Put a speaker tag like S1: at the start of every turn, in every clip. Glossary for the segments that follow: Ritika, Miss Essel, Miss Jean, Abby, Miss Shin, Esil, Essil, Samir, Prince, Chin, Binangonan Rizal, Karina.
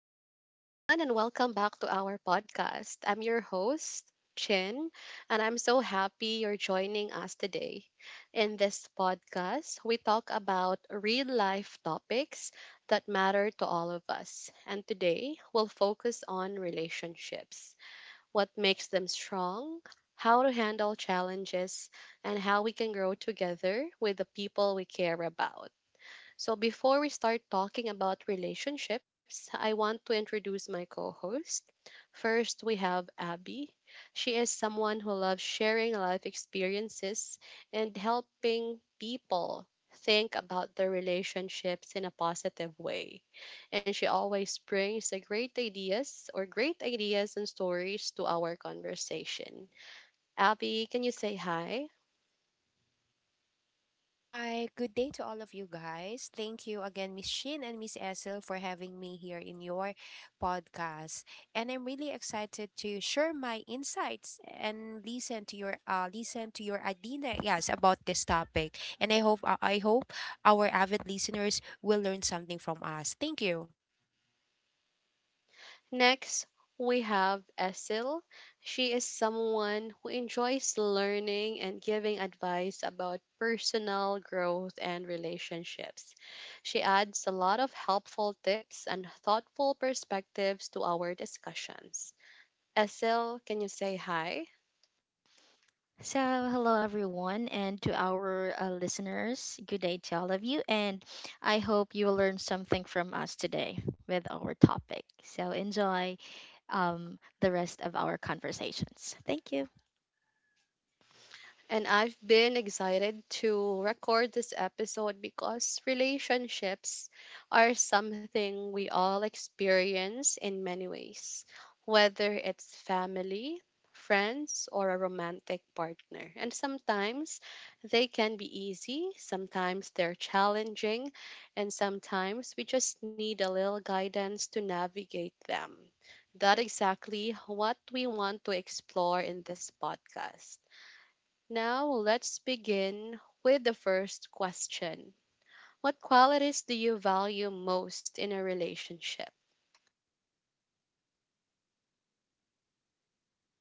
S1: Hi, everyone, and welcome back to our podcast. I'm your host, Chin, and I'm so happy you're joining us today. In this podcast, we talk about real life topics that matter to all of us. And today, we'll focus on relationships, what makes them strong, how to handle challenges, and how we can grow together with the people we care about. So, before we start talking about relationships, I want to introduce my co host. First, we have Abby. She is someone who loves sharing life experiences and helping people think about their relationships in a positive way. And she always brings a great ideas or great ideas and stories to our conversation. Abby, can you say hi?
S2: Hi, good day to all of you guys. Thank you again, Miss Shin and Miss Essel, for having me here in your podcast. And I'm really excited to share my insights and listen to your idea, yes, about this topic. And I hope our avid listeners will learn something from us. Thank you.
S1: Next, we have Essil. She is someone who enjoys learning and giving advice about personal growth and relationships. She adds a lot of helpful tips and thoughtful perspectives to our discussions. Essil, can you say hi?
S3: So, hello everyone, and to our listeners, good day to all of you, and I hope you will learn something from us today with our topic. So, enjoy the rest of our conversations. Thank you.
S1: And I've been excited to record this episode because relationships are something we all experience in many ways, whether it's family, friends, or a romantic partner. And sometimes they can be easy, sometimes they're challenging, and sometimes we just need a little guidance to navigate them. That exactly what we want to explore in this podcast. Now let's begin with the first question. What qualities do you value most in a relationship?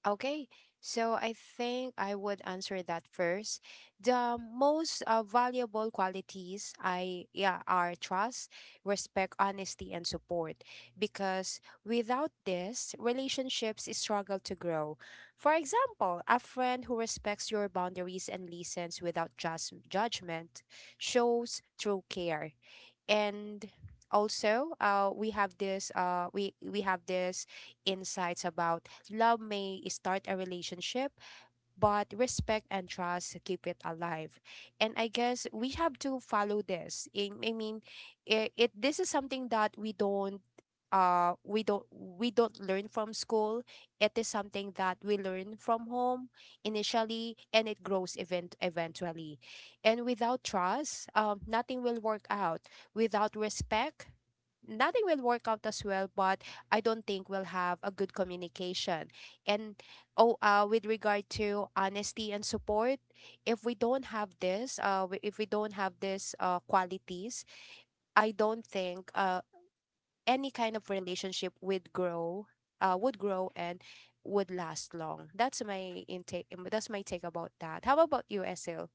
S2: Okay, so I think I would answer that first. The most valuable qualities I, yeah, are trust, respect, honesty, and support. Because without this, relationships struggle to grow. For example, a friend who respects your boundaries and listens without just judgment shows true care. And also, we have this insights about love may start a relationship, but respect and trust keep it alive. And I guess we have to follow this. I mean, it, it this is something that we don't learn from school. It is something that we learn from home initially, and it grows eventually. And without trust, nothing will work out. Without respect, nothing will work out as well. But I don't think we'll have a good communication. And oh with regard to honesty and support, if we don't have this w- if we don't have these qualities, I don't think any kind of relationship would grow and would last long. That's my take about that. How about you, Esil?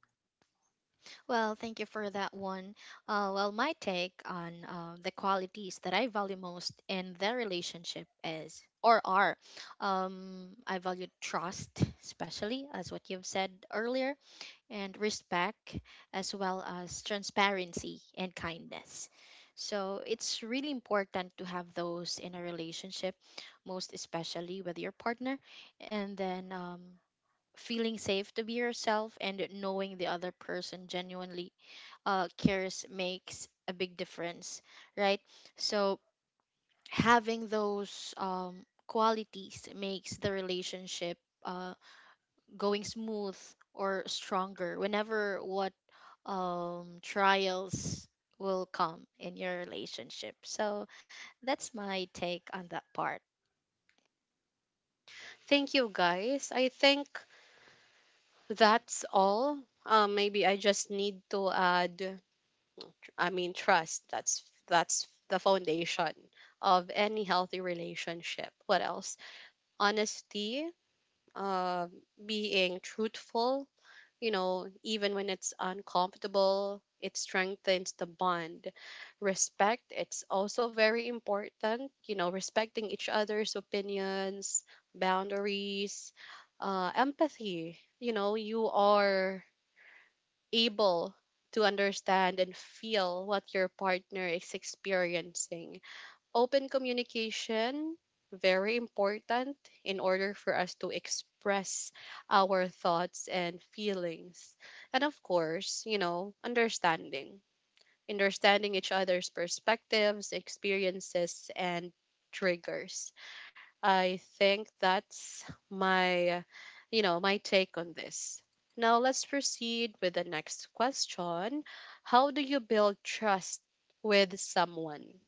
S3: Well, thank you for that one. Well, my take on the qualities that I value most in their relationship is or are I value trust, especially as what you've said earlier and respect, as well as transparency and kindness. So it's really important to have those in a relationship, most especially with your partner, and then feeling safe to be yourself and knowing the other person genuinely cares makes a big difference, right? So having those qualities makes the relationship. Uh, Going smooth or stronger whenever what trials will come in your relationship. So that's my take on that part.
S1: Thank you guys. I think that's all. Maybe I just need to add, I mean, trust. That's the foundation of any healthy relationship. What else? Honesty, uh, being truthful. You know, even when it's uncomfortable, it strengthens the bond. Respect, it's also very important. You know, respecting each other's opinions, boundaries, empathy. You know, you are able to understand and feel what your partner is experiencing. Open communication, very important in order for us to express our thoughts and feelings. And of course, you know, understanding. Understanding each other's perspectives, experiences, and triggers. I think that's my, my take on this. Now let's proceed with the next question. How do you build trust with someone?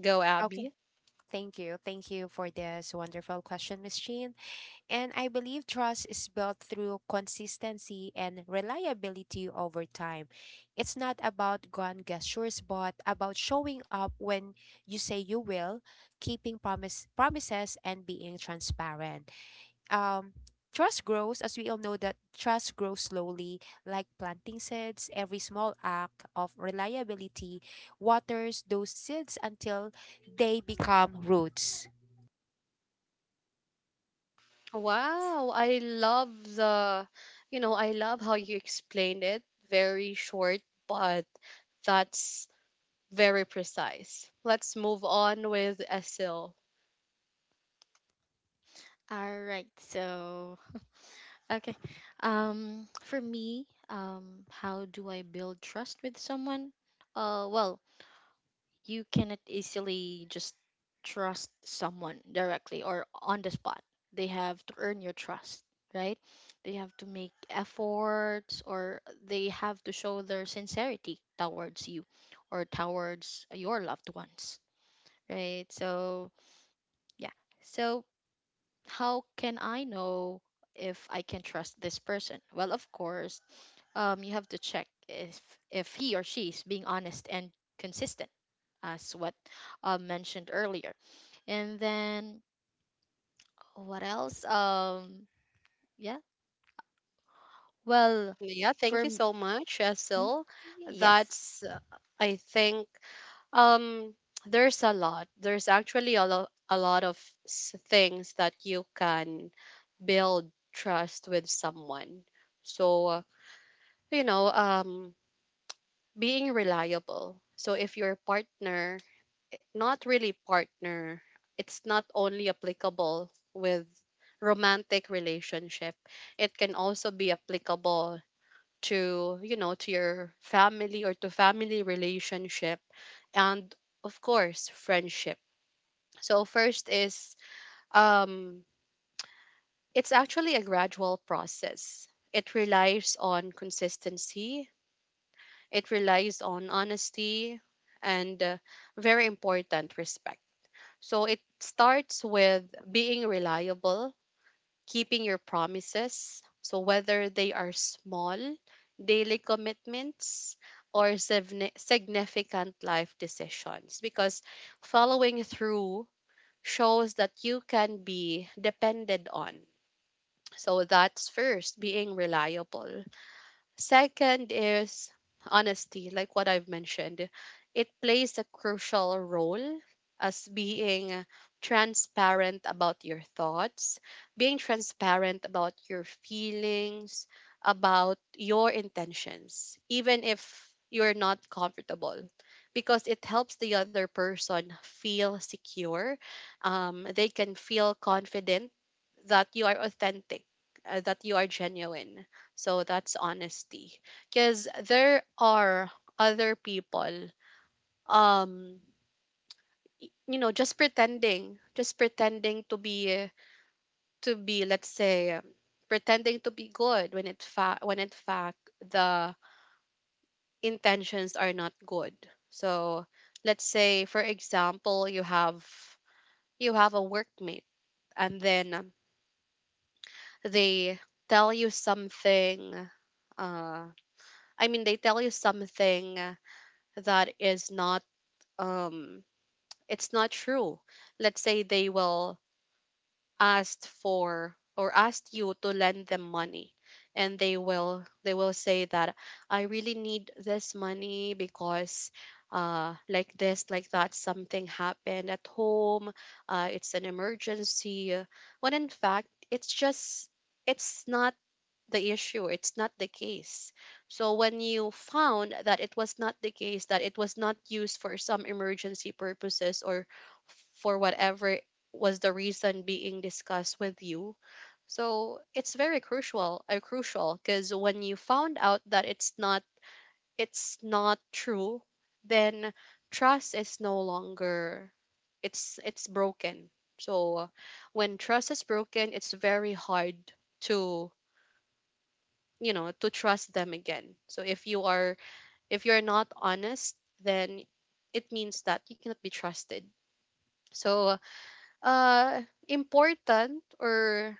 S1: Go,
S2: Okay,
S1: Abby.
S2: thank you for this wonderful question, Miss Jean. And I believe trust is built through consistency and reliability over time. It's not about grand gestures, but about showing up when you say you will, keeping promises and being transparent. Um Trust grows, as we all know that trust grows slowly, like planting seeds. Every small act of reliability waters those seeds until they become roots.
S1: Wow, I love how you explained it. Very short, but that's very precise. Let's move on with Esil.
S3: All right. So, okay. For me, how do I build trust with someone? Well, you cannot easily just trust someone directly or on the spot. They have to earn your trust, right? They have to make efforts or they have to show their sincerity towards you or towards your loved ones, right? So, yeah. So, how can I know if I can trust this person? Well, of course, you have to check if he or she is being honest and consistent as what mentioned earlier. And then what else? Yeah. Well,
S1: Yeah,
S3: for
S1: thank you
S3: m-
S1: so much,
S3: mm,
S1: Esil.
S3: Yes.
S1: That's, uh, I think, um, there's a lot. There's actually a lot of things that you can build trust with someone. So, you know, um, being reliable. So if your partner, not really partner, it's not only applicable with romantic relationship. It can also be applicable to your family or to family relationship, and of course, friendship. So first is, um it's actually a gradual process. It relies on consistency. It relies on honesty, and, very important, respect. So it starts with being reliable, keeping your promises, so whether they are small daily commitments or significant life decisions, because following through shows that you can be depended on. So that's first, being reliable. Second is honesty, like what I've mentioned. It plays a crucial role as being transparent about your thoughts, being transparent about your feelings, about your intentions, even if you're not comfortable, because it helps the other person feel secure. They can feel confident that you are authentic, that you are genuine. So that's honesty. Because there are other people, um, just pretending, to be, let's say, pretending to be good, when in fact the intentions are not good. So let's say, for example, you have a workmate, and then, they tell you something, uh I mean, they tell you something that is not, um, it's not true. Let's say they will ask for or ask you to lend them money, and they will say that I really need this money because, like this, like that, something happened at home, it's an emergency, when in fact it's not the issue. It's not the case. So when you found that it was not the case, that it was not used for some emergency purposes or for whatever was the reason being discussed with you. So it's very crucial, crucial, because when you found out that it's not true, then trust is no longer, it's broken. So when trust is broken, it's very hard to, you know, to trust them again. So if you're not honest, then it means that you cannot be trusted. So, uh important or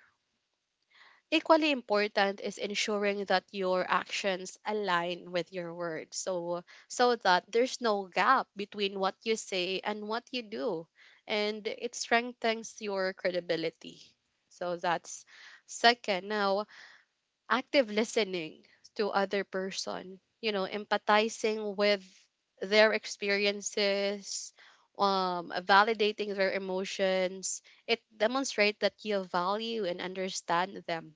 S1: equally important is ensuring that your actions align with your words, so that there's no gap between what you say and what you do, and it strengthens your credibility. So that's second. Now, active listening to other person, you know, empathizing with their experiences, validating their emotions, it demonstrates that you value and understand them.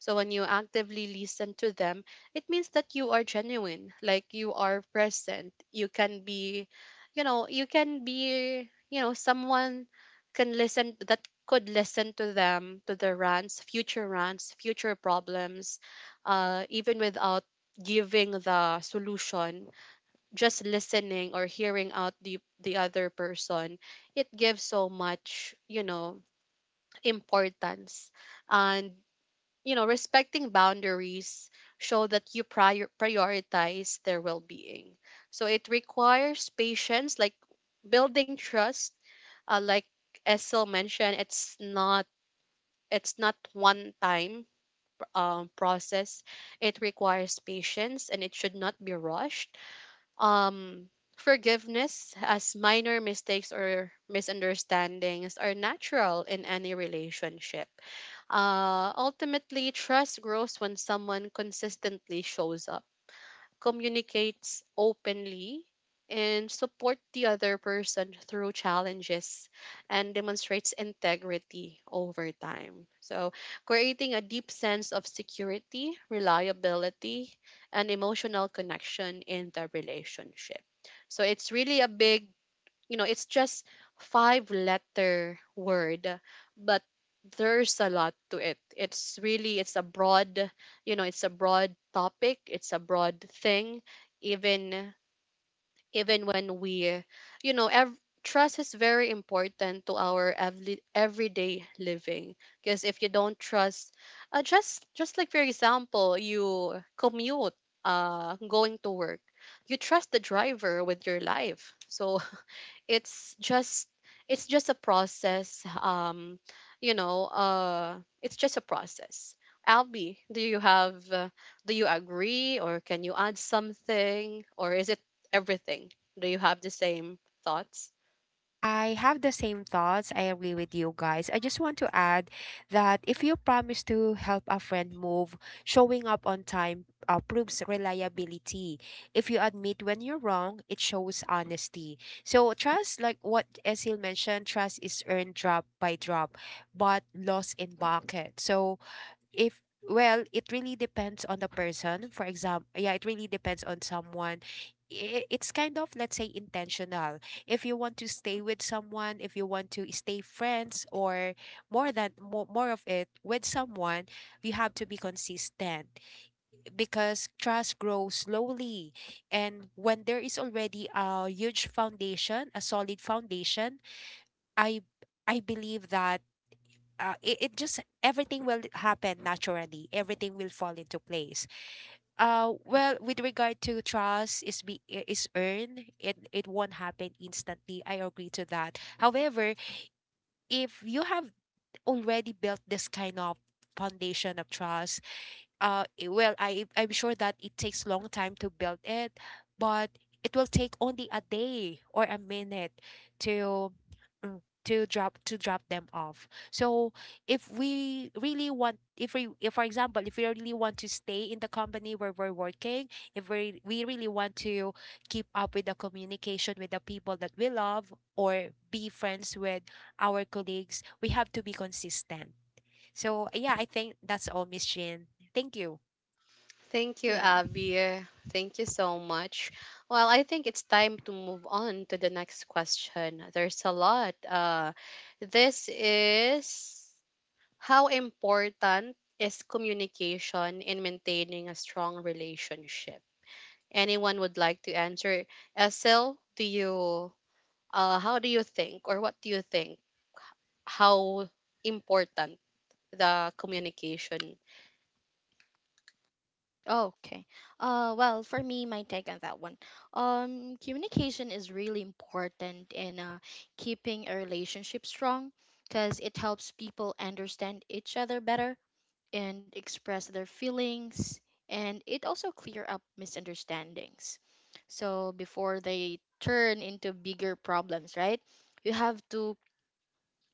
S1: So when you actively listen to them, it means that you are genuine, like you are present. You can be you know you can be you know someone can listen, that could listen to them, to their rants, future rants, future problems, even without giving the solution, just listening or hearing out the other person. It gives so much, you know, importance. And, respecting boundaries show that you prioritize their well-being. So it requires patience, like building trust. Like Essel mentioned, it's not one time, process. It requires patience and it should not be rushed. Um, Forgiveness, as minor mistakes or misunderstandings are natural in any relationship. Ultimately, trust grows when someone consistently shows up, communicates openly, and support the other person through challenges, and demonstrates integrity over time. So, creating a deep sense of security, reliability, and emotional connection in the relationship. So, it's really a big you know it's just five letter word, but there's a lot to it. It's a broad, you know, it's a broad topic, it's a broad thing. Even even when we, you know ev- trust is very important to our everyday living. Because if you don't trust, just like for example you commute, going to work, you trust the driver with your life. So it's just it's just a process. It's just a process. Albi, do you agree, or can you add something, or is it everything? Do you have the same thoughts?
S2: I have the same thoughts. I agree with you guys. I just want to add that if you promise to help a friend move, showing up on time proves reliability. If you admit when you're wrong, it shows honesty. So, trust, like what Esil mentioned, trust is earned drop by drop, but lost in bucket. So, if, well, it really depends on the person, for example. Yeah, it really depends on someone. It's kind of, let's say, intentional. If you want to stay with someone, if you want to stay friends, or more of it with someone, you have to be consistent, because trust grows slowly. And when there is already a huge foundation, a solid foundation, i I believe that it, it just everything will happen naturally, everything will fall into place. With regard to trust is earned, it won't happen instantly. I agree to that. However, if you have already built this kind of foundation of trust, I'm sure that it takes long time to build it, but it will take only a day or a minute to, to drop them off. So if, for example, if we really want to stay in the company where we're working, if we really want to keep up with the communication with the people that we love or be friends with our colleagues, we have to be consistent. So yeah, I think that's all, Miss Jean. Thank you.
S1: Thank you,
S3: Yeah.
S1: Abby. Thank you so much. Well, I think it's time to move on to the next question. There's a lot. This is How important is communication in maintaining a strong relationship? Anyone would like to answer? Esel, do you how do you think or what do you think? How important the communication?
S3: Okay. Well, for me, my take on that one. Communication is really important in keeping a relationship strong, because it helps people understand each other better and express their feelings, and it also clear up misunderstandings so before they turn into bigger problems, right? You have to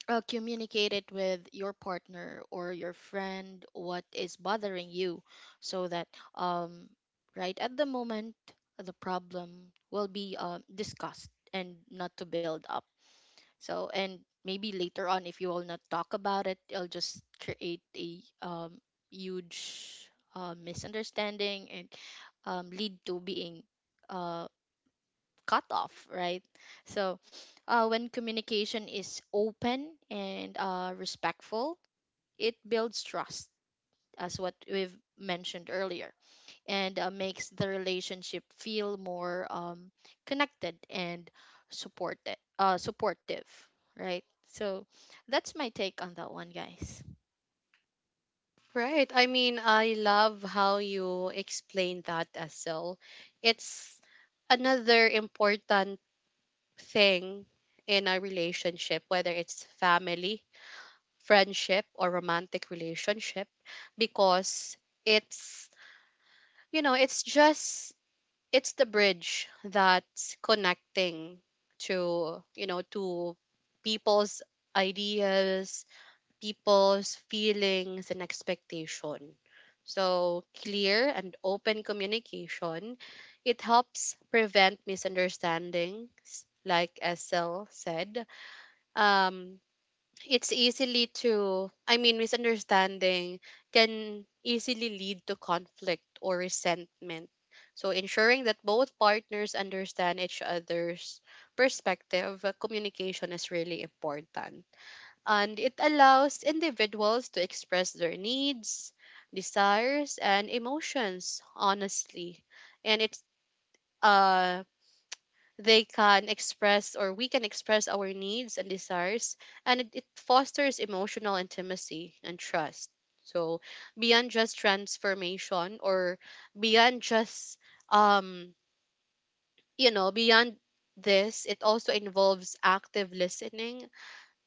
S3: communicate it with your partner or your friend what is bothering you, so that um right at the moment the problem will be discussed and not to build up. So, and maybe later on, if you will not talk about it, it'll just create a huge misunderstanding and lead to being uh, cut off, right? So, when communication is open and respectful, it builds trust, as what we've mentioned earlier, and makes the relationship feel more connected and supportive, right? So that's my take on that one, guys.
S1: Right. I mean, I love how you explain that, Esel. It's another important thing in a relationship, whether it's family, friendship, or romantic relationship, because it's you know it's just it's the bridge that's connecting to, you know, to people's ideas, people's feelings, and expectation. So clear and open communication, it helps prevent misunderstandings, like sl said. um it's easily to I mean, misunderstanding can easily lead to conflict or resentment. So ensuring that both partners understand each other's perspective, communication is really important, and it allows individuals to express their needs, desires, and emotions honestly. And it's uh they can express, or we can express our needs and desires, and it fosters emotional intimacy and trust. So beyond just transformation, or beyond just um you know beyond this, it also involves active listening,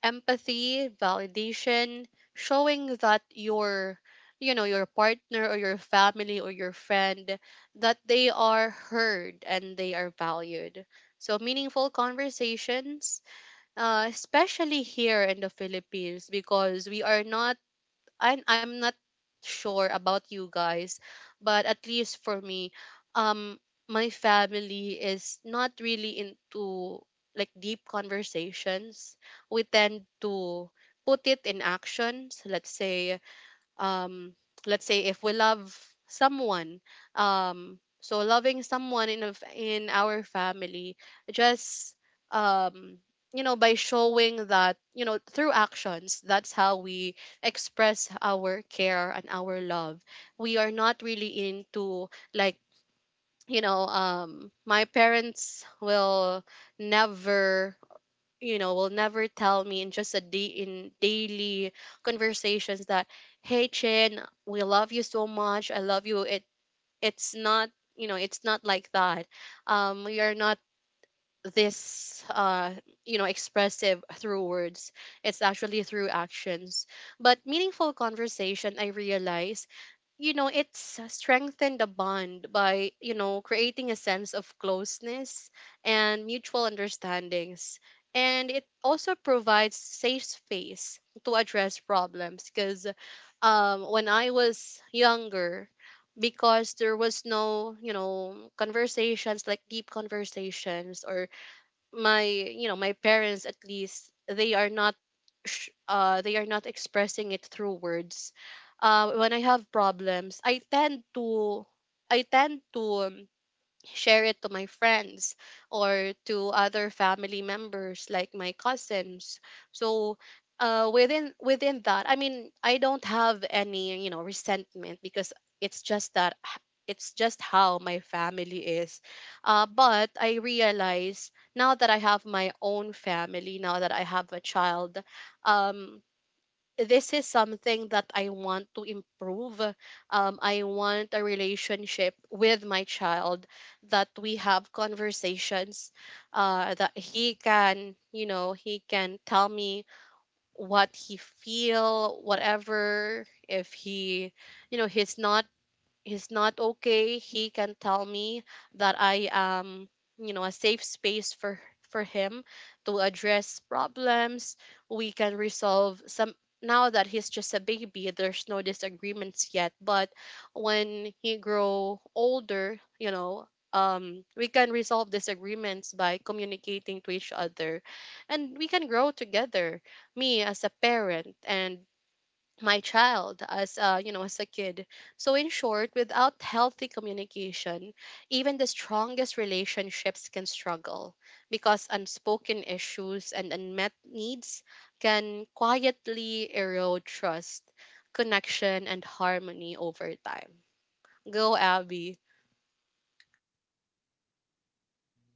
S1: empathy, validation, showing that your partner or your family or your friend, that they are heard and they are valued. So meaningful conversations, especially here in the Philippines, because we are not I'm not sure about you guys, but at least for me, um my family is not really into, like, deep conversations. We tend to put it in actions. Um let's say if we love someone. So loving someone in our family just um by showing that through actions. That's how we express our care and our love. We are not really into, like, my parents will never, will never tell me, in just a day, in daily conversations that, hey Chin, we love you so much, I love you. It it's not you know it's not like that. We are not this expressive through words. It's actually through actions. But meaningful conversation, I realize, it's strengthened the bond by, creating a sense of closeness and mutual understandings. And it also provides safe space to address problems because, when I was younger, because there was no, conversations, like, deep conversations, or my you know my parents, at least, they are not, they are not expressing it through words. When I have problems, I tend to, share it to my friends, or to other family members, like my cousins. So, within that, I mean, I don't have any, resentment, because it's just that h- it's just how my family is. But I realize now that I have my own family, now that I have a child, um this is something that I want to improve. I want a relationship with my child that we have conversations, that he can tell me what he feel, whatever. If he, you know, he's not he's not okay, he can tell me that I am, a safe space for him to address problems. We can resolve some. Now that he's just a baby, there's no disagreements yet, but when he grow older, we can resolve disagreements by communicating to each other, and we can grow together, me as a parent and my child as you know as a kid. So, in short, without healthy communication, even the strongest relationships can struggle, because unspoken issues and unmet needs can quietly erode trust, connection, and harmony over time. Go, Abby.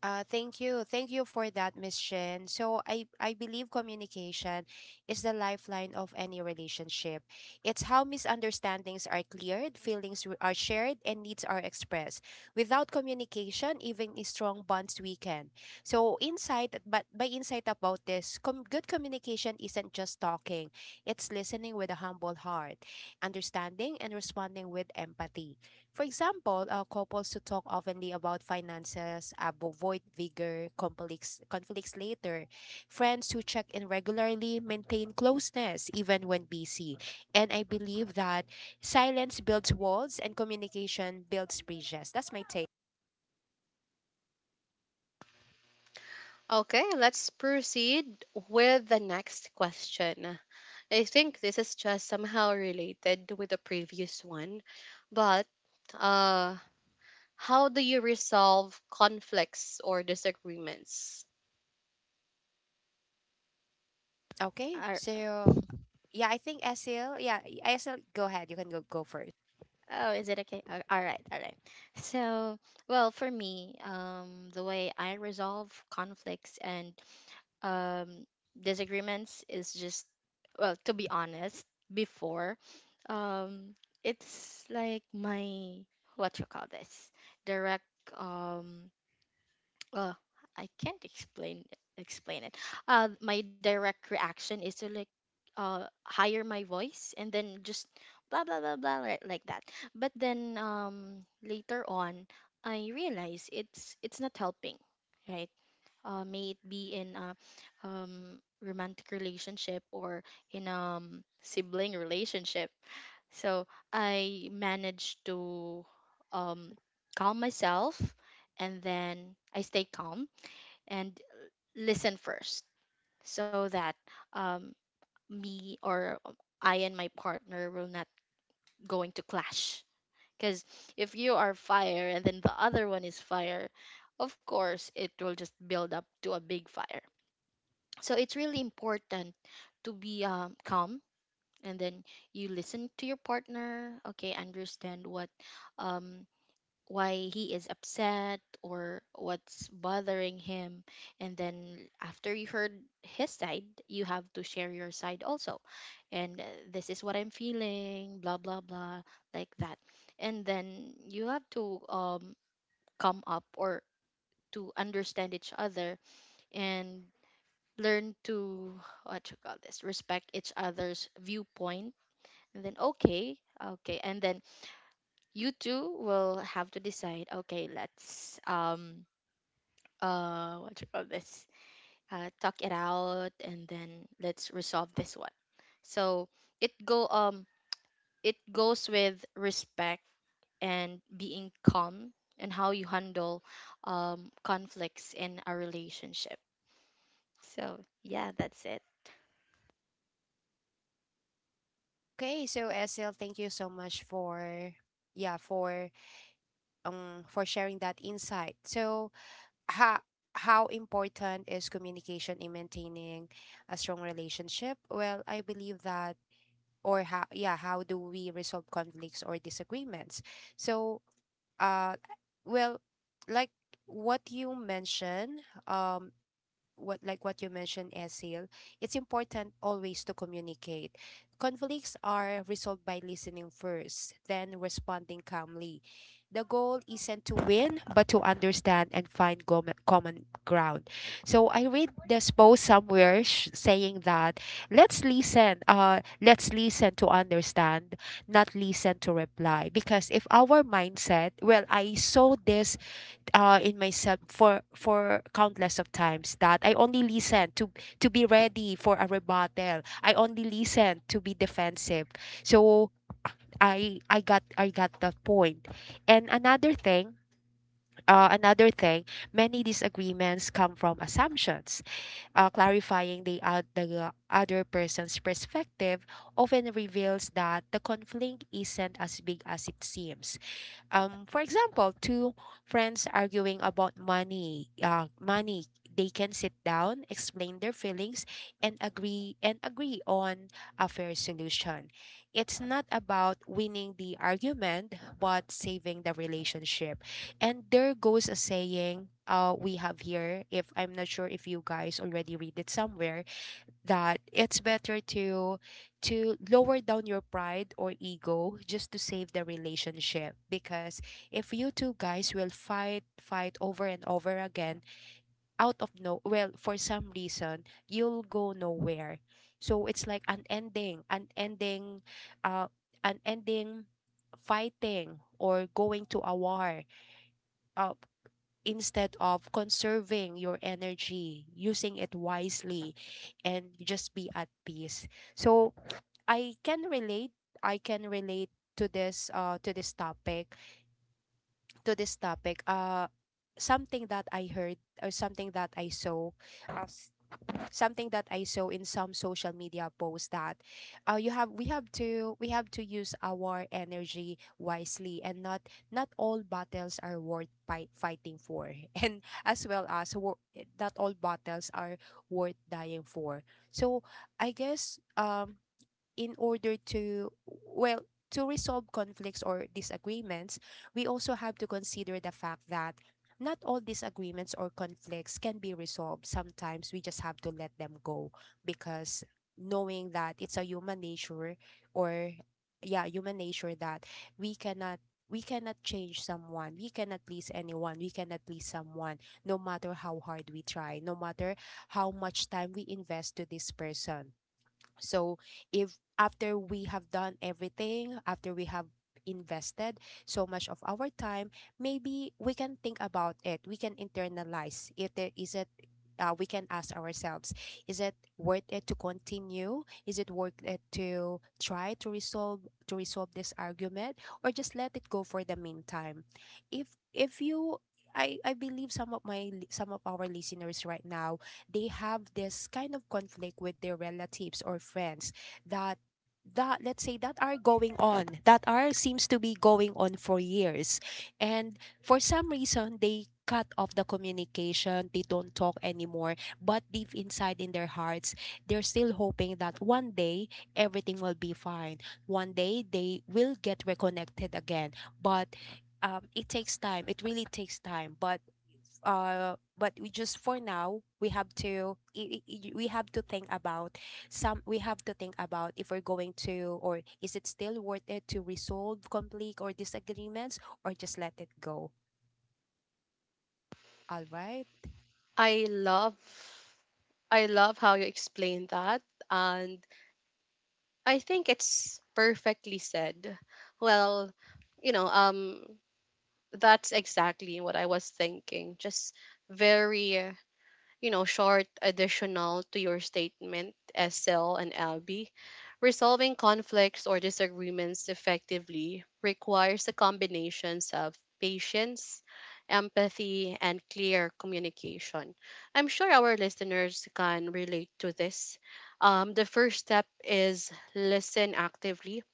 S2: Thank you. Thank you for that, Miss Shin. So I believe communication is the lifeline of any relationship. It's how misunderstandings are cleared, feelings are shared, and needs are expressed. Without communication, even a strong bonds weaken. So insight, but by insight about this, good communication isn't just talking. It's listening with a humble heart, understanding, and responding with empathy. For example, couples who talk openly about finances avoid bigger conflicts later. Friends who check in regularly maintain closeness even when busy. And I believe that silence builds walls and communication builds bridges. That's my take.
S1: Okay, let's proceed with the next question. I think this is just somehow related with the previous one, but, uh how do you resolve conflicts or disagreements?
S2: Okay,
S3: Ar-
S2: so yeah, I think Esil, yeah, Esil, go ahead. You can go first.
S3: oh, is it okay? All right, all right. So, well, for me, the way I resolve conflicts and um, disagreements is just, well, to be honest, before, um, it's like my, what you call this, direct. Um, uh I can't explain it. My direct reaction is to like higher my voice and then just blah blah blah blah like that. But then later on I realize it's not helping, right? May it be in a romantic relationship or in sibling relationship. So I managed to um, calm myself and then I stay calm and listen first so that um, me or I and my partner will not going to clash. Because if you are fire and then the other one is fire, of course it will just build up to a big fire. So it's really important to be calm, and then you listen to your partner. Okay, understand what um, why he is upset or what's bothering him, and then after you heard his side you have to share your side also, and this is what I'm feeling blah blah blah like that. And then you have to come up or to understand each other and learn to what you call this respect each other's viewpoint, and then okay, okay, and then you two will have to decide, okay, let's what you call this, talk it out and then let's resolve this one. So it go um it goes with respect and being calm and how you handle conflicts in a relationship. So yeah, that's it.
S2: Okay, so Esil, thank you so much for, yeah, for sharing that insight. So how how important is communication in maintaining a strong relationship? Well, I believe that, or how, yeah, how do we resolve conflicts or disagreements? So, uh well, like what you mentioned, um what you mentioned, Esil, it's important always to communicate. Conflicts are resolved by listening first, then responding calmly. The goal isn't to win, but to understand and find common ground. So I read this post somewhere saying that let's listen to understand, not listen to reply. Because if our mindset, well, I saw this, in myself for countless of times that I only listen to be ready for a rebuttal. I only listen to be defensive. So I got that point. And another thing, uh, another thing, many disagreements come from assumptions. Clarifying the other person's perspective often reveals that the conflict isn't as big as it seems. For example, two friends arguing about money, they can sit down, explain their feelings, and agree on a fair solution. It's not about winning the argument, but saving the relationship. And there goes a saying we have here, if I'm not sure if you guys already read it somewhere, that it's better to lower down your pride or ego just to save the relationship. Because if you two guys will fight over and over again, out of no, well, for some reason, you'll go nowhere. So it's like an ending, uh an ending fighting or going to a war, uh, instead of conserving your energy, using it wisely, and just be at peace. So I can relate. I can relate to this. To this topic. Something that I heard or something that I saw. Uh, Something that I saw in some social media posts that, you have we have to use our energy wisely, and not, not all battles are worth fighting for and as well as not all battles are worth dying for. So I guess, in order to, well, to resolve conflicts or disagreements, we also have to consider the fact that not all disagreements or conflicts can be resolved. Sometimes we just have to let them go, because knowing that it's a human nature, or yeah, human nature that we cannot we cannot change someone, we cannot please anyone, we cannot please someone, no matter how hard we try, no matter how much time we invest to this person. So if after we have done everything, after we have invested so much of our time, maybe we can think about it. We can internalize if there is it, we can ask ourselves, is it worth it to continue, is it worth it to try to resolve this argument, or just let it go for the meantime? If you I believe some of our listeners right now, they have this kind of conflict with their relatives or friends, that that, let's say, that are going on, that are seems to be going on for years. And for some reason, they cut off the communication, they don't talk anymore. But deep inside in their hearts, they're still hoping that one day everything will be fine, one day they will get reconnected again. But, it takes time, it really takes time. But we just, for now, we have to, we have to think about, some we have to think about if we're going to, or is it still worth it to resolve conflict or disagreements, or just let it go? All right.
S1: I love I love how you explain that, and I think it's perfectly said. Well, you know, um that's exactly what I was thinking. Just very, you know, short additional to your statement, SL and LB. Resolving conflicts or disagreements effectively requires a combination of patience, empathy, and clear communication. I'm sure our listeners can relate to this. The first step is listen actively,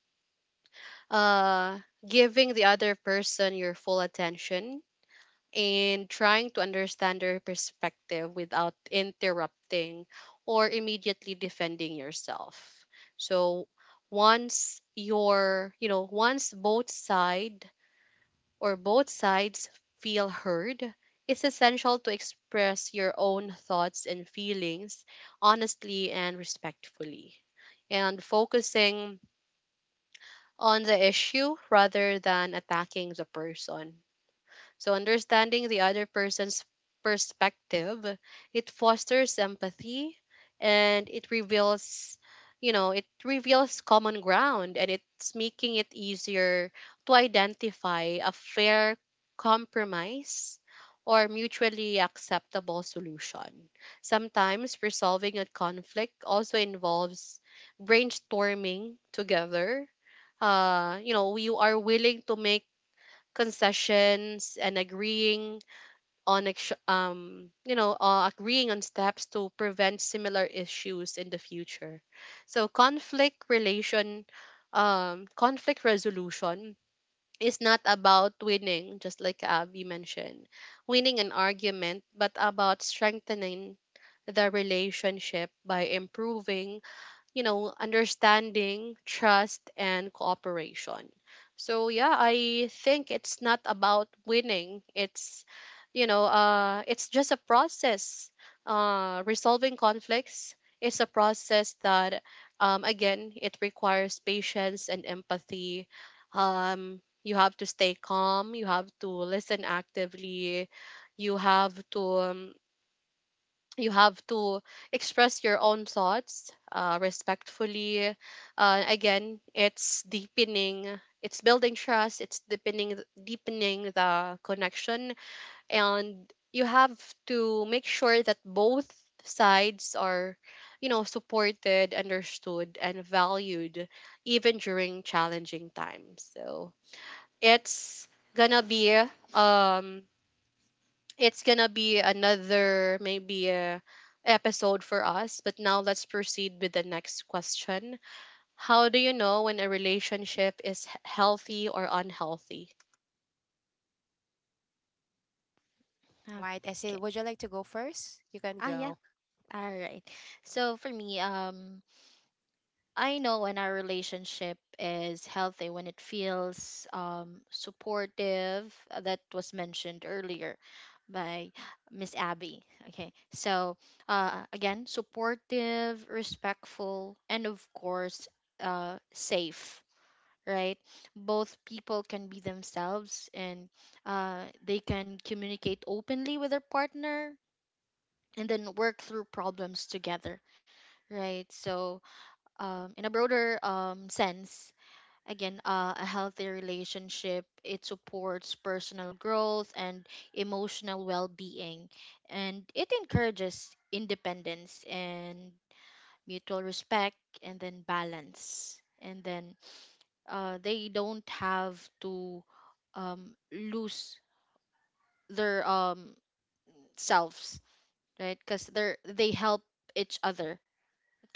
S1: uh, giving the other person your full attention, and trying to understand their perspective without interrupting or immediately defending yourself. So, once your, once both side, or both sides, feel heard, it's essential to express your own thoughts and feelings honestly and respectfully, and focusing on the issue rather than attacking the person. So, understanding the other person's perspective, it fosters empathy, and it reveals, it reveals common ground, and it's making it easier to identify a fair compromise or mutually acceptable solution. Sometimes resolving a conflict also involves brainstorming together. You are willing to make concessions and agreeing on agreeing on steps to prevent similar issues in the future. So, conflict resolution is not about winning, just like Abby mentioned, winning an argument, but about strengthening the relationship by improving, understanding, trust, and cooperation. So yeah, I think it's not about winning. It's just a process. Resolving conflicts is a process that, again, it requires patience and empathy. You have to stay calm. You have to listen actively. You have to um, you have to express your own thoughts, respectfully. Again, it's deepening, it's building trust, it's deepening, the connection, and you have to make sure that both sides are, supported, understood, and valued, even during challenging times. So, it's gonna be, um another, maybe, episode for us, but now let's proceed with the next question. How do you know when a relationship is healthy or unhealthy?
S2: All right,
S3: Okay.
S2: Esil. Would you like to go first? You can
S3: Ah, yeah.
S2: go.
S3: All right. So for me, I know when our relationship is healthy, when it feels supportive, that was mentioned earlier by Miss Abby. Okay, so again, supportive, respectful, and of course, safe, right? Both people can be themselves and they can communicate openly with their partner and then work through problems together, right? So, in a broader sense, again, a healthy relationship, it supports personal growth and emotional well being, and it encourages independence and mutual respect, and then balance. And then they don't have to lose their selves, right? Because they help each other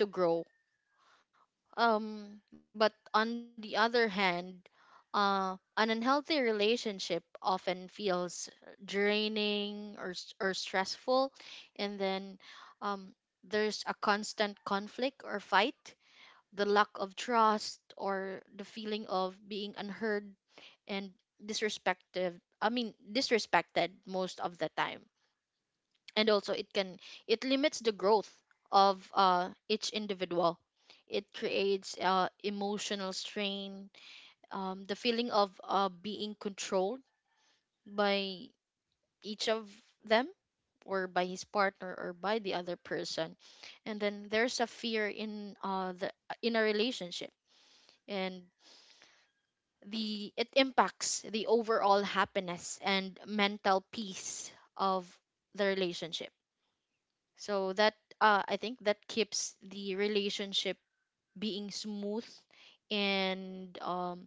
S3: to grow. But on the other hand, an unhealthy relationship often feels draining or or stressful, and then um, there's a constant conflict or fight, the lack of trust or the feeling of being unheard and disrespected. I mean, disrespected most of the time, and also it can, it limits the growth of each individual. It creates emotional strain, the feeling of being controlled by each of them or by his partner or by the other person, and then there's a fear in the in a relationship, and the it impacts the overall happiness and mental peace of the relationship. So that, I think that keeps the relationship being smooth, and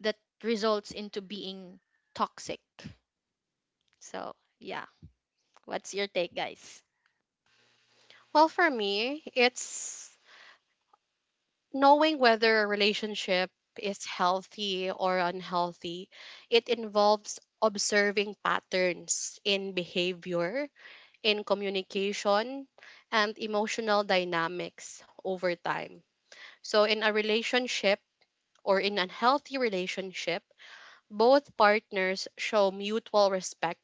S3: that results into being toxic. So yeah, what's your take, guys?
S1: Well, for me, it's knowing whether a relationship is healthy or unhealthy. It involves observing patterns in behavior, in communication, and emotional dynamics over time. So, in a relationship, or in an healthy relationship, both partners show mutual respect,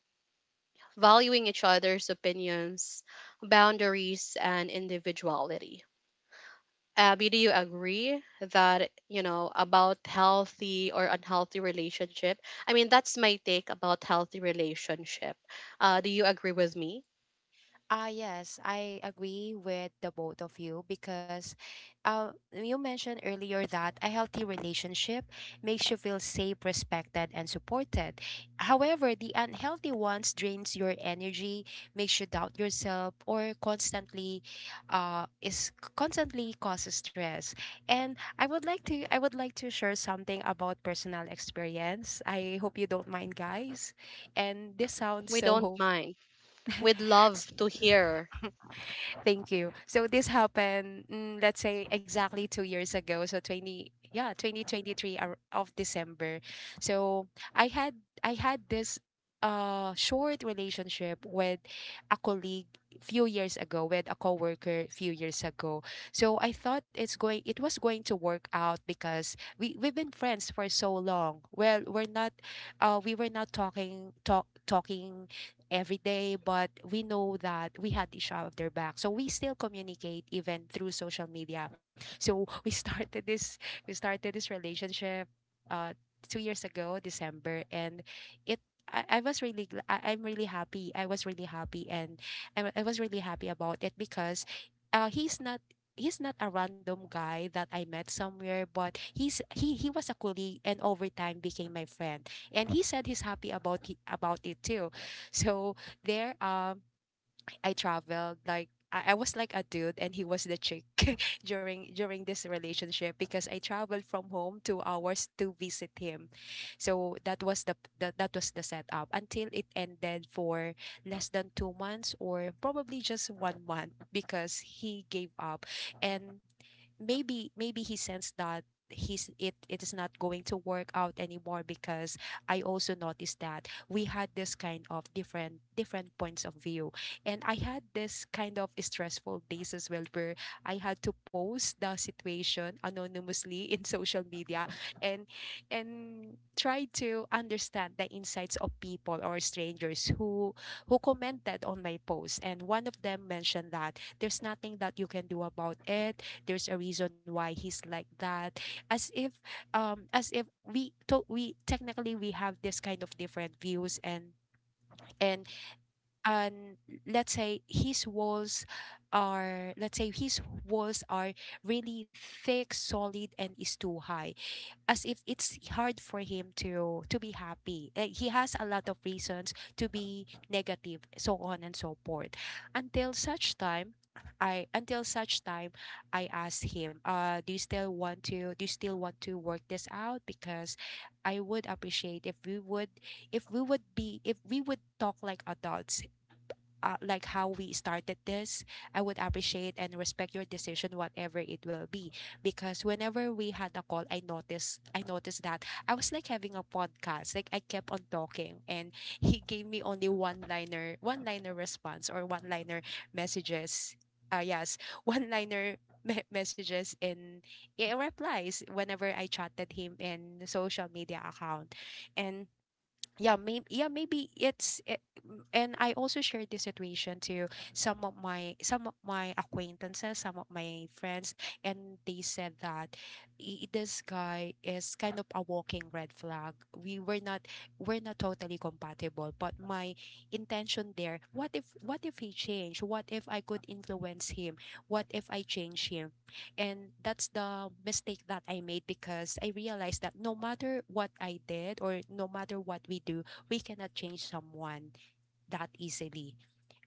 S1: valuing each other's opinions, boundaries, and individuality. Abby, do you agree that, about healthy or unhealthy relationship? I mean, that's my take about healthy relationship. Do you agree with me?
S2: Ah, yes, I agree with the both of you, because, you mentioned earlier that a healthy relationship makes you feel safe, respected, and supported. However, the unhealthy ones drains your energy, makes you doubt yourself, or constantly is constantly causes stress. And I would like to share something about personal experience. I hope you don't mind, guys. And this sounds
S1: We don't
S2: so.
S1: mind. We'd love to hear.
S2: Thank you. So this happened, let's say exactly 2 years ago. So twenty, yeah, 2023 of December. So I had I had this short relationship with a colleague few years ago, with a coworker few years ago. So I thought it was going to work out because we've been friends for so long. Well, we're not, we were not talking every day, but we know that we had each other back. So we still communicate even through social media. So we started this relationship uh 2 years ago, December, and it I, I'm really happy. I was really happy, and I was really happy about it because uh he's not he's not a random guy that I met somewhere, but he was a colleague and over time became my friend. And he said he's happy about about it too. So there, um, I traveled like I was like a dude and he was the chick during this relationship, because I traveled from home 2 hours to visit him. So that was that was the setup until it ended for less than 2 months, or probably just one month, because he gave up. And maybe he sensed that he's it is not going to work out anymore, because I also noticed that we had this kind of different points of view, and I had this kind of stressful days as well where I had to post the situation anonymously in social media, and try to understand the insights of people or strangers who commented on my post. And one of them mentioned that there's nothing that you can do about it, there's a reason why he's like that. As if as if we technically we have this kind of different views, and and let's say his walls are, walls are really thick, solid, and is too high. As if it's hard for him to be happy. Eh, he has a lot of reasons to be negative, so on and so forth. Until such time, I until such time I asked him, do you still want to work this out? Because I would appreciate if we would, if we would be if we would talk like adults, like how we started this. I would appreciate and respect your decision, whatever it will be. Because whenever we had a call, I noticed that I was like having a podcast. Like I kept on talking, and he gave me only one liner response, or one liner messages. Yes, one liner messages, and eh, replies whenever I chatted him in social media account. And yeah, maybe and I also shared this situation to some of my acquaintances, some of my friends, and they said that this guy is kind of a walking red flag, we were not, we're not totally compatible." But my intention there, what if he changed, what if I could influence him, what if I change him? And that's the mistake that I made, because I realized that no matter what I did, or no matter what we do, we cannot change someone that easily.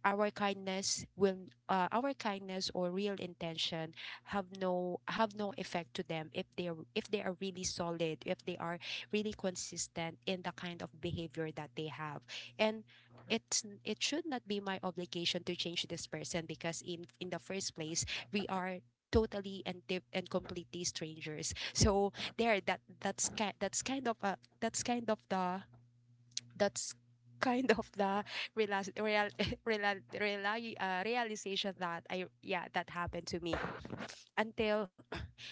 S2: Our kindness will, our kindness or real intention have no, effect to them if they are, really solid, if they are really consistent in the kind of behavior that they have. And it should not be my obligation to change this person, because in the first place we are totally and completely strangers. So there that's kind of the real, real, realization that I yeah that happened to me. Until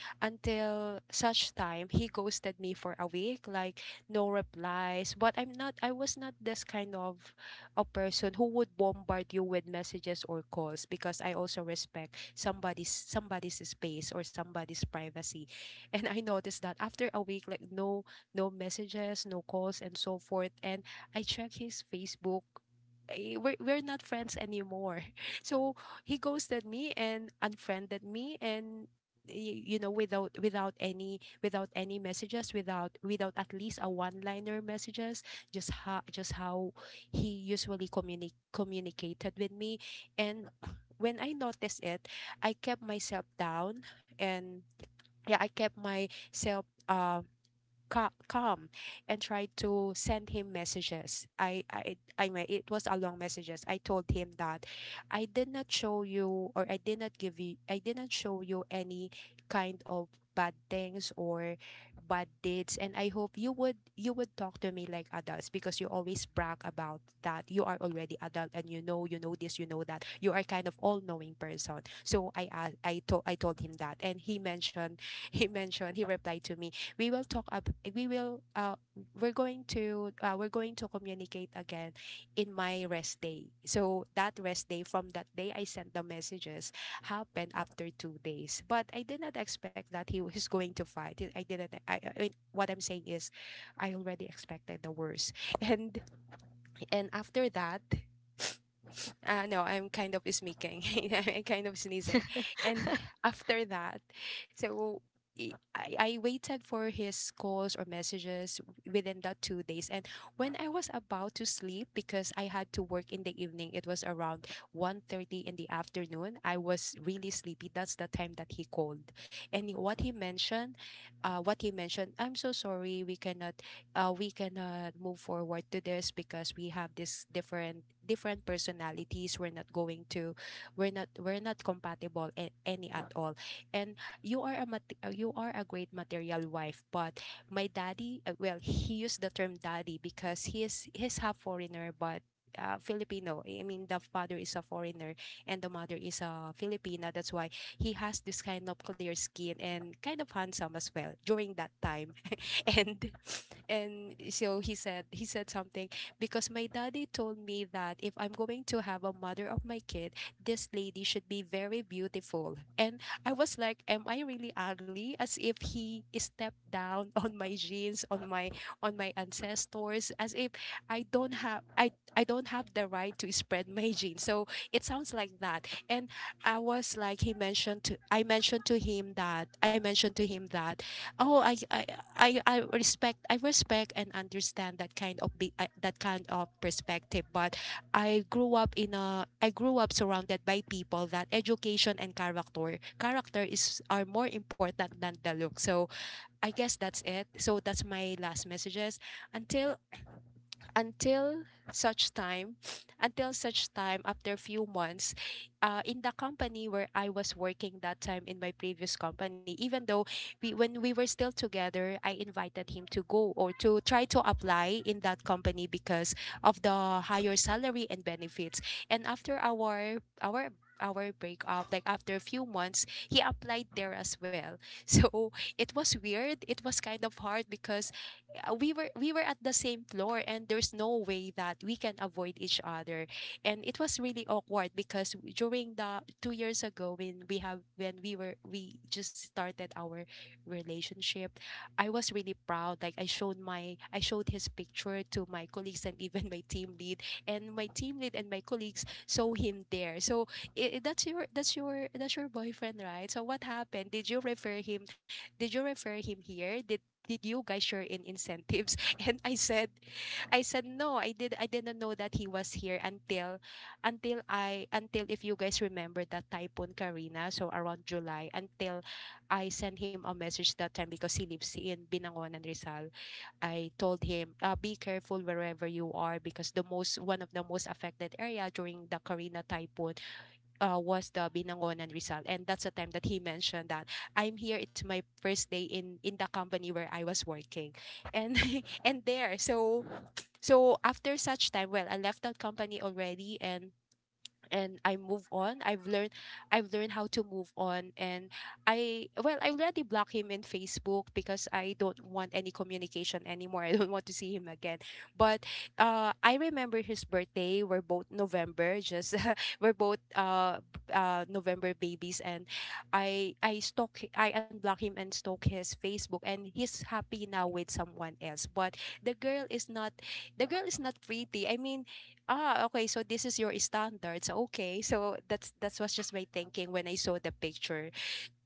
S2: such time he ghosted me for a week, like no replies. But I was not this kind of a person who would bombard you with messages or calls, because I also respect somebody's space or somebody's privacy. And I noticed that after a week, like no messages, no calls, and so forth. And I checked his Facebook. Eh, we're not friends anymore. So he ghosted me and unfriended me, and you know, without, without any messages, without, without at least a one liner messages, just how he usually communicated with me. And when I noticed it, I kept myself down. And yeah, I kept myself um calm, and tried to send him messages. I mean, it was a long messages. I told him that I did not show you, or I did not give you, I did not show you any kind of bad things or bad deeds, and I hope you would, talk to me like adults, because you always brag about that you are already adult, and you know that you are kind of all-knowing person. So I told him that. And he mentioned he replied to me, we will talk up we're going to communicate again in my rest day. So that rest day from that day I sent the messages happened after 2 days. But I did not expect that he was going to fight. I didn't I mean, what I'm saying is I already expected the worst. And after that, no, I'm kind of sneaking. I'm kind of sneezing. And after that, so i- I, waited for his calls or messages within that 2 days. And when I was about to sleep, because I had to work in the evening, it was around 1:30 in the afternoon. I was really sleepy. That's the time that he called. And what he mentioned, I'm so sorry, we cannot, we cannot move forward to this, because we have this different personalities, we're not going to, we're not compatible any at all. And you are a you are a great material wife, but my daddy, well, he used the term daddy because he's half foreigner, but Filipino. I mean, the father is a foreigner and the mother is a Filipina. That's why he has this kind of clear skin and kind of handsome as well during that time. And so he said something, because my daddy told me that if I'm going to have a mother of my kid, this lady should be very beautiful. And I was like, am I really ugly? As if he stepped down on my genes, on my, on my ancestors, as if I don't have the right to spread my genes. So it sounds like that. And I was like, he mentioned to I mentioned to him that, oh, I respect and understand that kind of that kind of perspective, but I grew up surrounded by people that education and character is, are more important than the look. So I guess that's it. So that's my last messages. Until until such time, until such time, after a few months, in the company where I was working that time, in my previous company. Even though we when we were still together, I invited him to go or to try to apply in that company because of the higher salary and benefits. And after our breakup, like after a few months, he applied there as well. So it was weird, it was kind of hard because, we were at the same floor, and there's no way that we can avoid each other. And it was really awkward, because during the 2 years ago when we have when we just started our relationship, I was really proud, like I showed his picture to my colleagues, and even my team lead. And my team lead and my colleagues saw him there. So that's your boyfriend, right? So what happened, did you refer him, here? Did you guys share in incentives? And I said, no, I didn't know that he was here. Until I until, if you guys remember that typhoon Karina, so around July, until I sent him a message that time, because he lives in Binangonan, Rizal. I told him, be careful wherever you are, because the most one of the most affected area during the Karina typhoon, was the Binangonan, Rizal. And that's the time that he mentioned that I'm here. It's my first day in the company where I was working, and and there. So so after such time, well, I left that company already. And I move on. I've learned how to move on. And I, well, I already blocked him in Facebook because I don't want any communication anymore. I don't want to see him again. But I remember his birthday. We're both November, just we're both November babies. And I I unblock him and stalk his Facebook, and he's happy now with someone else. But the girl is not the girl is not pretty. I mean, ah, okay. So this is your standards. Okay. So that's was just my thinking when I saw the picture.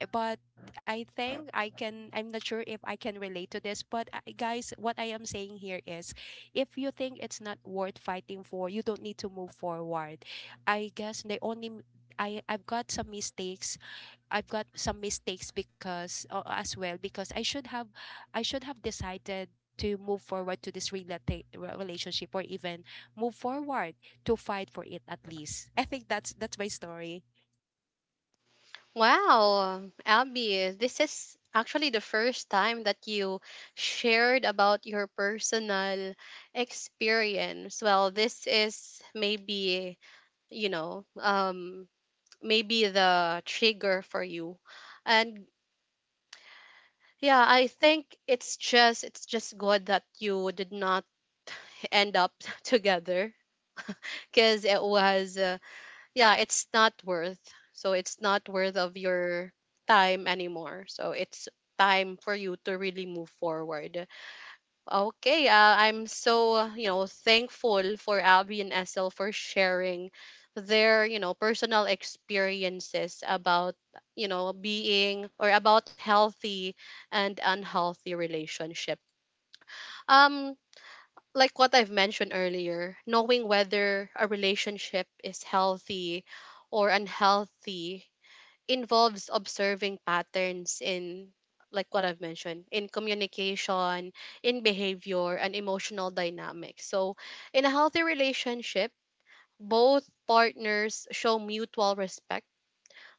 S2: But I think I can, I'm not sure if I can relate to this, but guys, what I am saying here is if you think it's not worth fighting for, you don't need to move forward. I guess the only I've got some mistakes, because as well, because I should have decided to move forward to this relationship, or even move forward to fight for it at least. I think that's my story.
S1: Wow, Abby, this is actually the first time that you shared about your personal experience. Well, this is maybe, you know, um, maybe the trigger for you. And yeah, I think it's just good that you did not end up together, because it was, yeah, it's not worth. So it's not worth of your time anymore. So it's time for you to really move forward. Okay, I'm so, thankful for Abby and SL for sharing their, personal experiences about, being, or about healthy and unhealthy relationship. Um, like what I've mentioned earlier, knowing whether a relationship is healthy or unhealthy involves observing patterns in, like what I've mentioned, in communication, in behavior, and emotional dynamics. So, in a healthy relationship, both partners show mutual respect,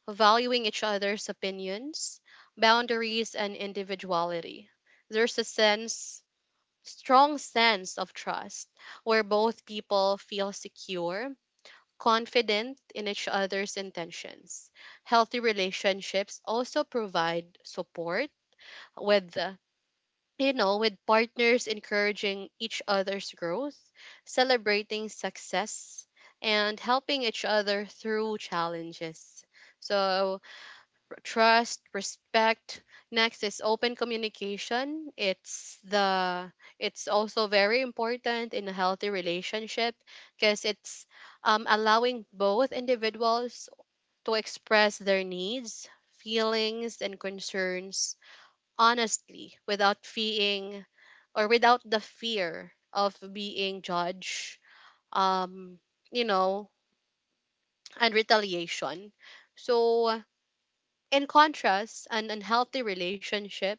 S1: valuing each other's opinions, boundaries, and individuality. There's a sense, strong sense of trust where both people feel secure, confident in each other's intentions. Healthy relationships also provide support with, with partners encouraging each other's growth, celebrating success, and helping each other through challenges. So, trust, respect. Next is open communication. It's also very important in a healthy relationship, because it's, allowing both individuals to express their needs, feelings, and concerns honestly, without feeling, or without the fear of being judged, Um, you know, and retaliation. So, in contrast, an unhealthy relationship.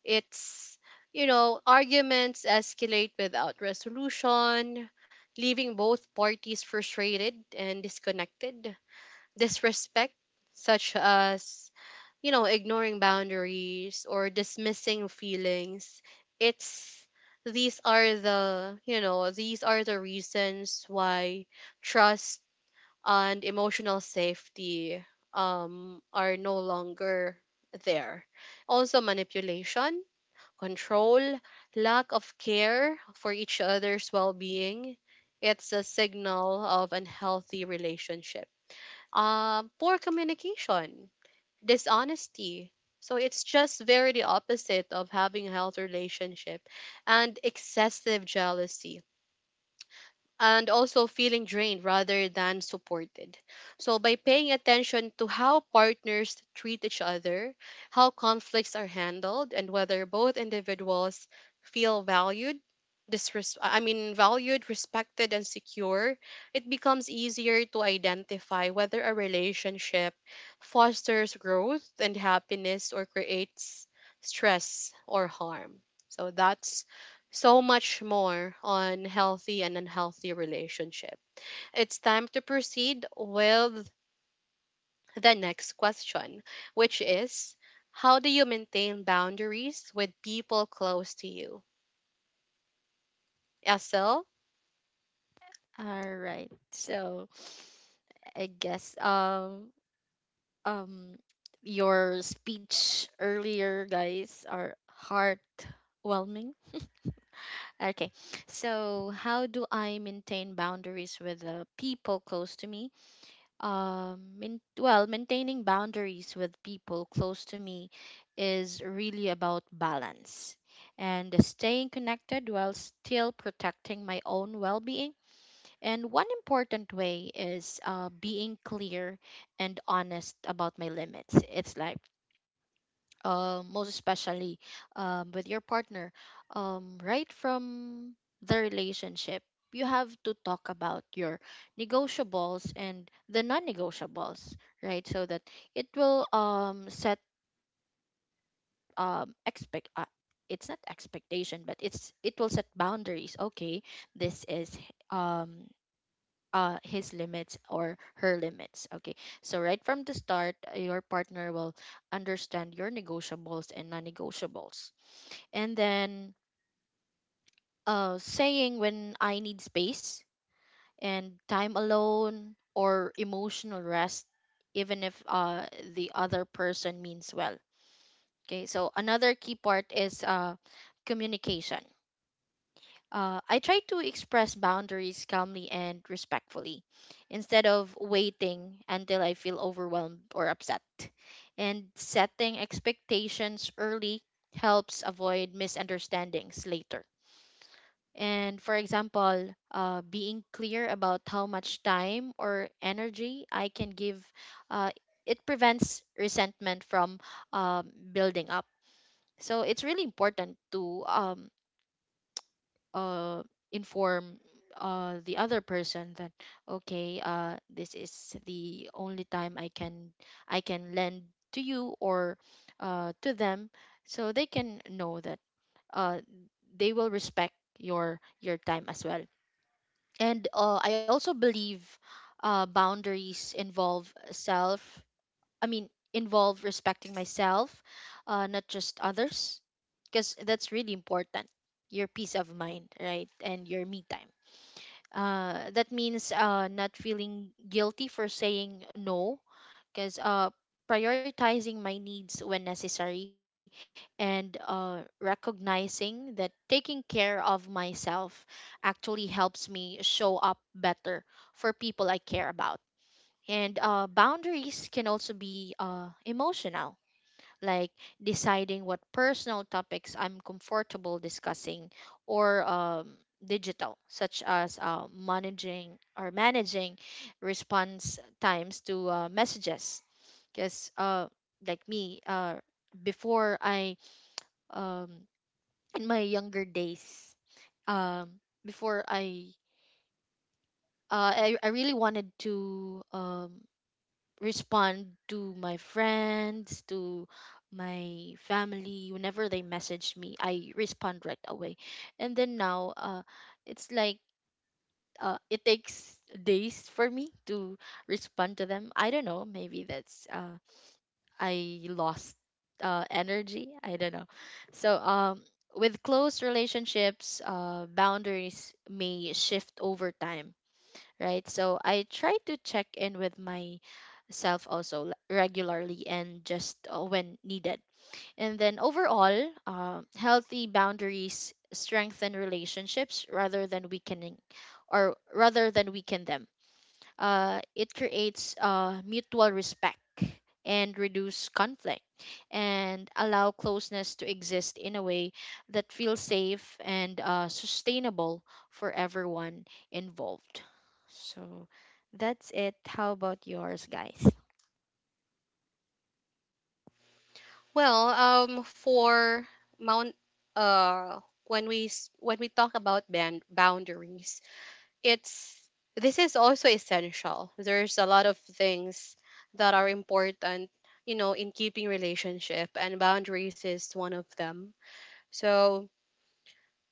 S1: It's, arguments escalate without resolution, leaving both parties frustrated and disconnected. Disrespect, such as, ignoring boundaries or dismissing feelings. It's these are the, you know, these are the reasons why trust and emotional safety, are no longer there. Also manipulation, control, lack of care for each other's well being. It's a signal of unhealthy relationship. Poor communication, dishonesty. So it's just very the opposite of having a healthy relationship, and excessive jealousy, and also feeling drained rather than supported. So, by paying attention to how partners treat each other, how conflicts are handled, and whether both individuals feel valued, I mean, valued, respected, and secure, it becomes easier to identify whether a relationship fosters growth and happiness, or creates stress or harm. So, that's so much more on healthy and unhealthy relationship. It's time to proceed with the next question, which is, how do you maintain boundaries with people close to you? SL?
S3: All right. So I guess um your speech earlier, guys, are heartwhelming. Okay. So how do I maintain boundaries with the people close to me? Well, maintaining boundaries with people close to me is really about balance and staying connected while still protecting my own well-being. And one important way is being clear and honest about my limits. It's like, most especially with your partner, right from the relationship, you have to talk about your negotiables and the non-negotiables, right? So that it will set expect. It's not expectation, but it's, it will set boundaries. Okay, this is um his limits or her limits. Okay, so right from the start, your partner will understand your negotiables and non-negotiables, and then saying when I need space and time alone or emotional rest, even if the other person means well. Okay, so another key part is communication. I try to express boundaries calmly and respectfully instead of waiting until I feel overwhelmed or upset. And setting expectations early helps avoid misunderstandings later. And for example, being clear about how much time or energy I can give, uh, it prevents resentment from building up. So it's really important to uh, inform the other person that okay, this is the only time I can lend to you or to them, so they can know that uh, they will respect your time as well. And I also believe boundaries involve self I mean involve respecting myself, not just others, because that's really important, your peace of mind, right, and your me time. That means not feeling guilty for saying no, because prioritizing my needs when necessary and recognizing that taking care of myself actually helps me show up better for people I care about. And boundaries can also be emotional, like deciding what personal topics I'm comfortable discussing, or digital, such as managing response times to messages. Because, like me, before I, um, in my younger days, um, before I really wanted to respond to my friends, to my family. Whenever they message me, I respond right away. And then now, it's like it takes days for me to respond to them. I don't know. Maybe that's I lost energy. I don't know. So. With close relationships, boundaries may shift over time, right? So I try to check in with myself also regularly and just when needed. And then overall, healthy boundaries strengthen relationships rather than weaken them. It creates mutual respect and reduce conflict and allow closeness to exist in a way that feels safe and sustainable for everyone involved. So that's it. How about yours, guys?
S1: Well, for mount, when we talk about band boundaries, it's this is also essential. There's a lot of things that are important, in keeping relationship, and boundaries is one of them. So,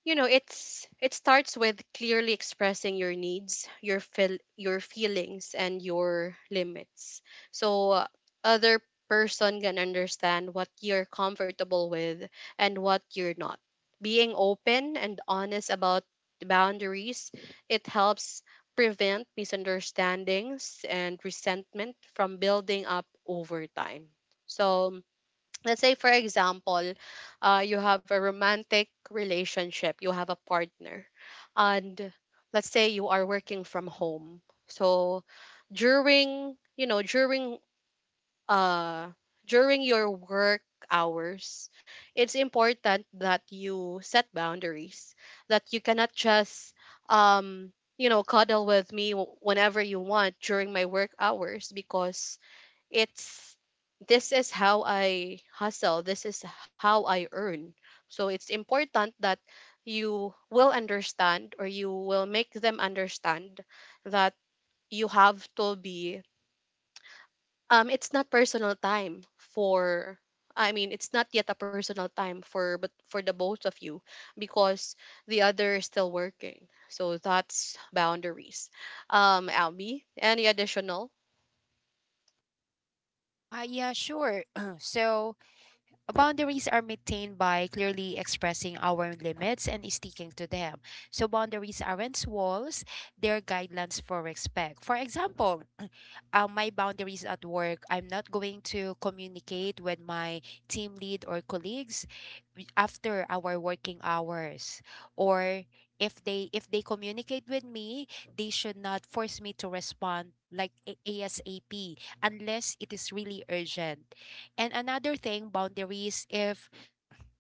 S1: it starts with clearly expressing your needs, your feelings, and your limits. So, other person can understand what you're comfortable with and what you're not. Being open and honest about the boundaries, it helps prevent misunderstandings and resentment from building up over time. So, let's say, for example, you have a romantic relationship, you have a partner, and let's say you are working from home. So, during you know during uh during your work hours, it's important that you set boundaries, that you cannot just, cuddle with me wh- whenever you want during my work hours, because it's, this is how I hustle, this is how I earn. So it's important that you will understand, or you will make them understand, that you have to be, it's not personal time for, I mean, it's not yet a personal time for, but for the both of you, because the other is still working. So that's boundaries. Albie, any additional.
S2: Ah, yeah, sure. So, boundaries are maintained by clearly expressing our limits and sticking to them. So, boundaries aren't walls, they're guidelines for respect. For example, my boundaries at work. I'm not going to communicate with my team lead or colleagues after our working hours, or if they communicate with me, they should not force me to respond like, asap, unless it is really urgent. And another thing, boundaries,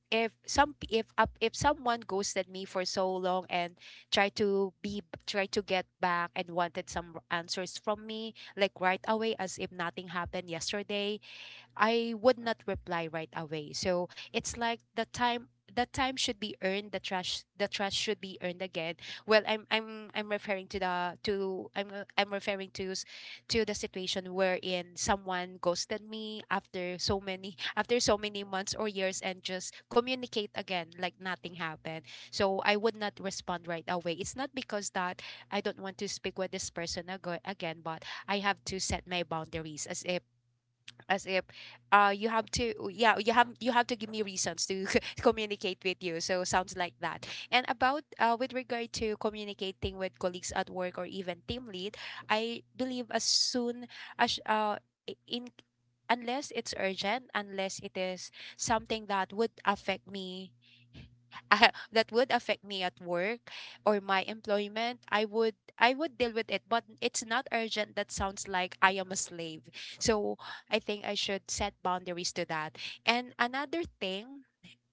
S2: if some p- if up if someone ghosted me for so long and try to be try to get back and wanted some answers from me like right away, as if nothing happened yesterday, I would not reply right away. So it's like the time should be earned, the trust should be earned again. Well, I'm referring to the, to I'm I'm referring to to the situation wherein someone ghosted me after so many after so many months or years and just communicate again like nothing happened. So I would not respond right away. It's not because that I don't want to speak with this person again, but I have to set my boundaries as if as if you have to, yeah, you have to give me reasons to communicate with you. So sounds like that. And about, with regard to communicating with colleagues at work or even team lead, I believe as soon as I- in unless it's urgent, unless it is something that would affect me, that would affect me at work or my employment, I would deal with it. But it's not urgent. That sounds like I am a slave. So I think I should set boundaries to that. And another thing,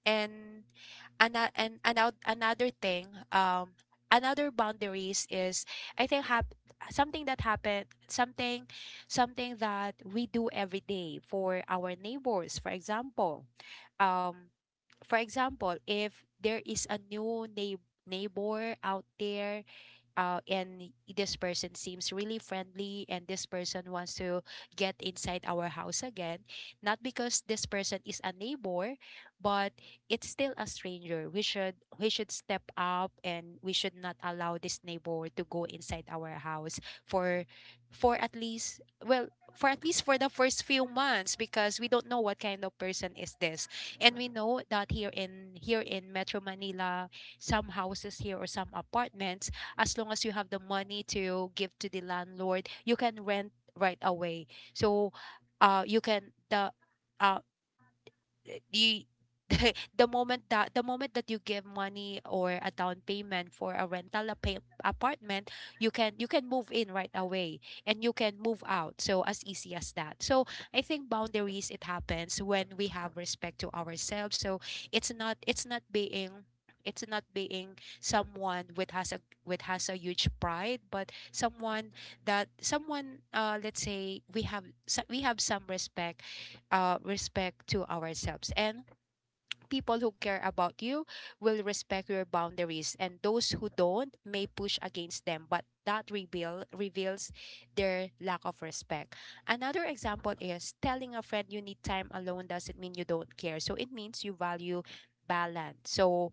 S2: and another thing, another boundaries is, I think something that happened, something that we do every day for our neighbors, for example. Um for example, if there is a new neighbor out there, and this person seems really friendly and this person wants to get inside our house, again, not because this person is a neighbor, but it's still a stranger. We should we should step up, and we should not allow this neighbor to go inside our house for for at least well for at least for the first few months, because we don't know what kind of person is this. And we know that here in, Metro Manila, some houses here or some apartments, as long as you have the money to give to the landlord, you can rent right away. So, you can the uh you the moment that you give money or a down payment for a rental apartment, you can move in right away, and you can move out, so as easy as that. So I think boundaries, it happens when we have respect to ourselves. So it's not being it's not being someone with has a, huge pride, but someone that, someone let's say we have we have some respect, respect to ourselves. And people who care about you will respect your boundaries, and those who don't may push against them, but that reveals their lack of respect. Another example is telling a friend you need time alone doesn't mean you don't care. So it means you value balance. So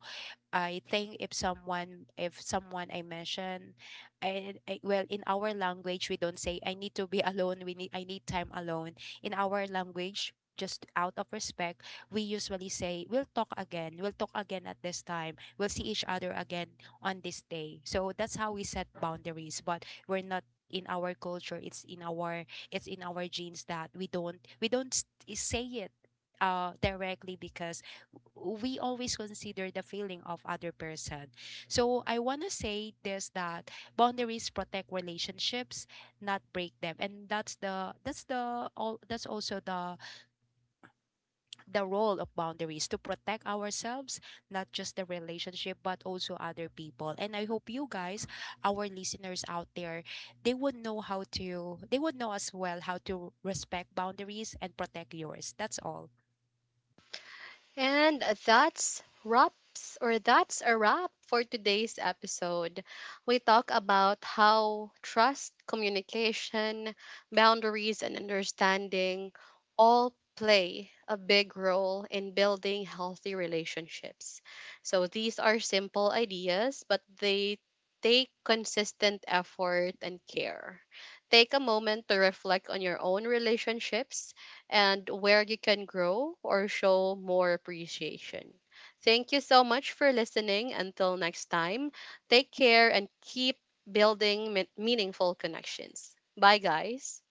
S2: I think if someone, I mention, I well, in our language, we don't say I need to be alone. We need I need time alone. In our language, just out of respect, we usually say we'll talk again. We'll talk again at this time. We'll see each other again on this day. So that's how we set boundaries. But we're not, in our culture, it's in our, genes, that we don't say it directly, because we always consider the feeling of other person. So I want to say this, that boundaries protect relationships, not break them. And that's also the role of boundaries, to protect ourselves, not just the relationship, but also other people. And I hope you guys, our listeners out there, they would know how to, they would know as well how to respect boundaries and protect yours. That's all.
S1: And that's wraps, or that's a wrap for today's episode. We talk about how trust, communication, boundaries, and understanding all play a big role in building healthy relationships. So these are simple ideas, but they take consistent effort and care. Take a moment to reflect on your own relationships and where you can grow or show more appreciation. Thank you so much for listening. Until next time, take care and keep building meaningful connections. Bye, guys.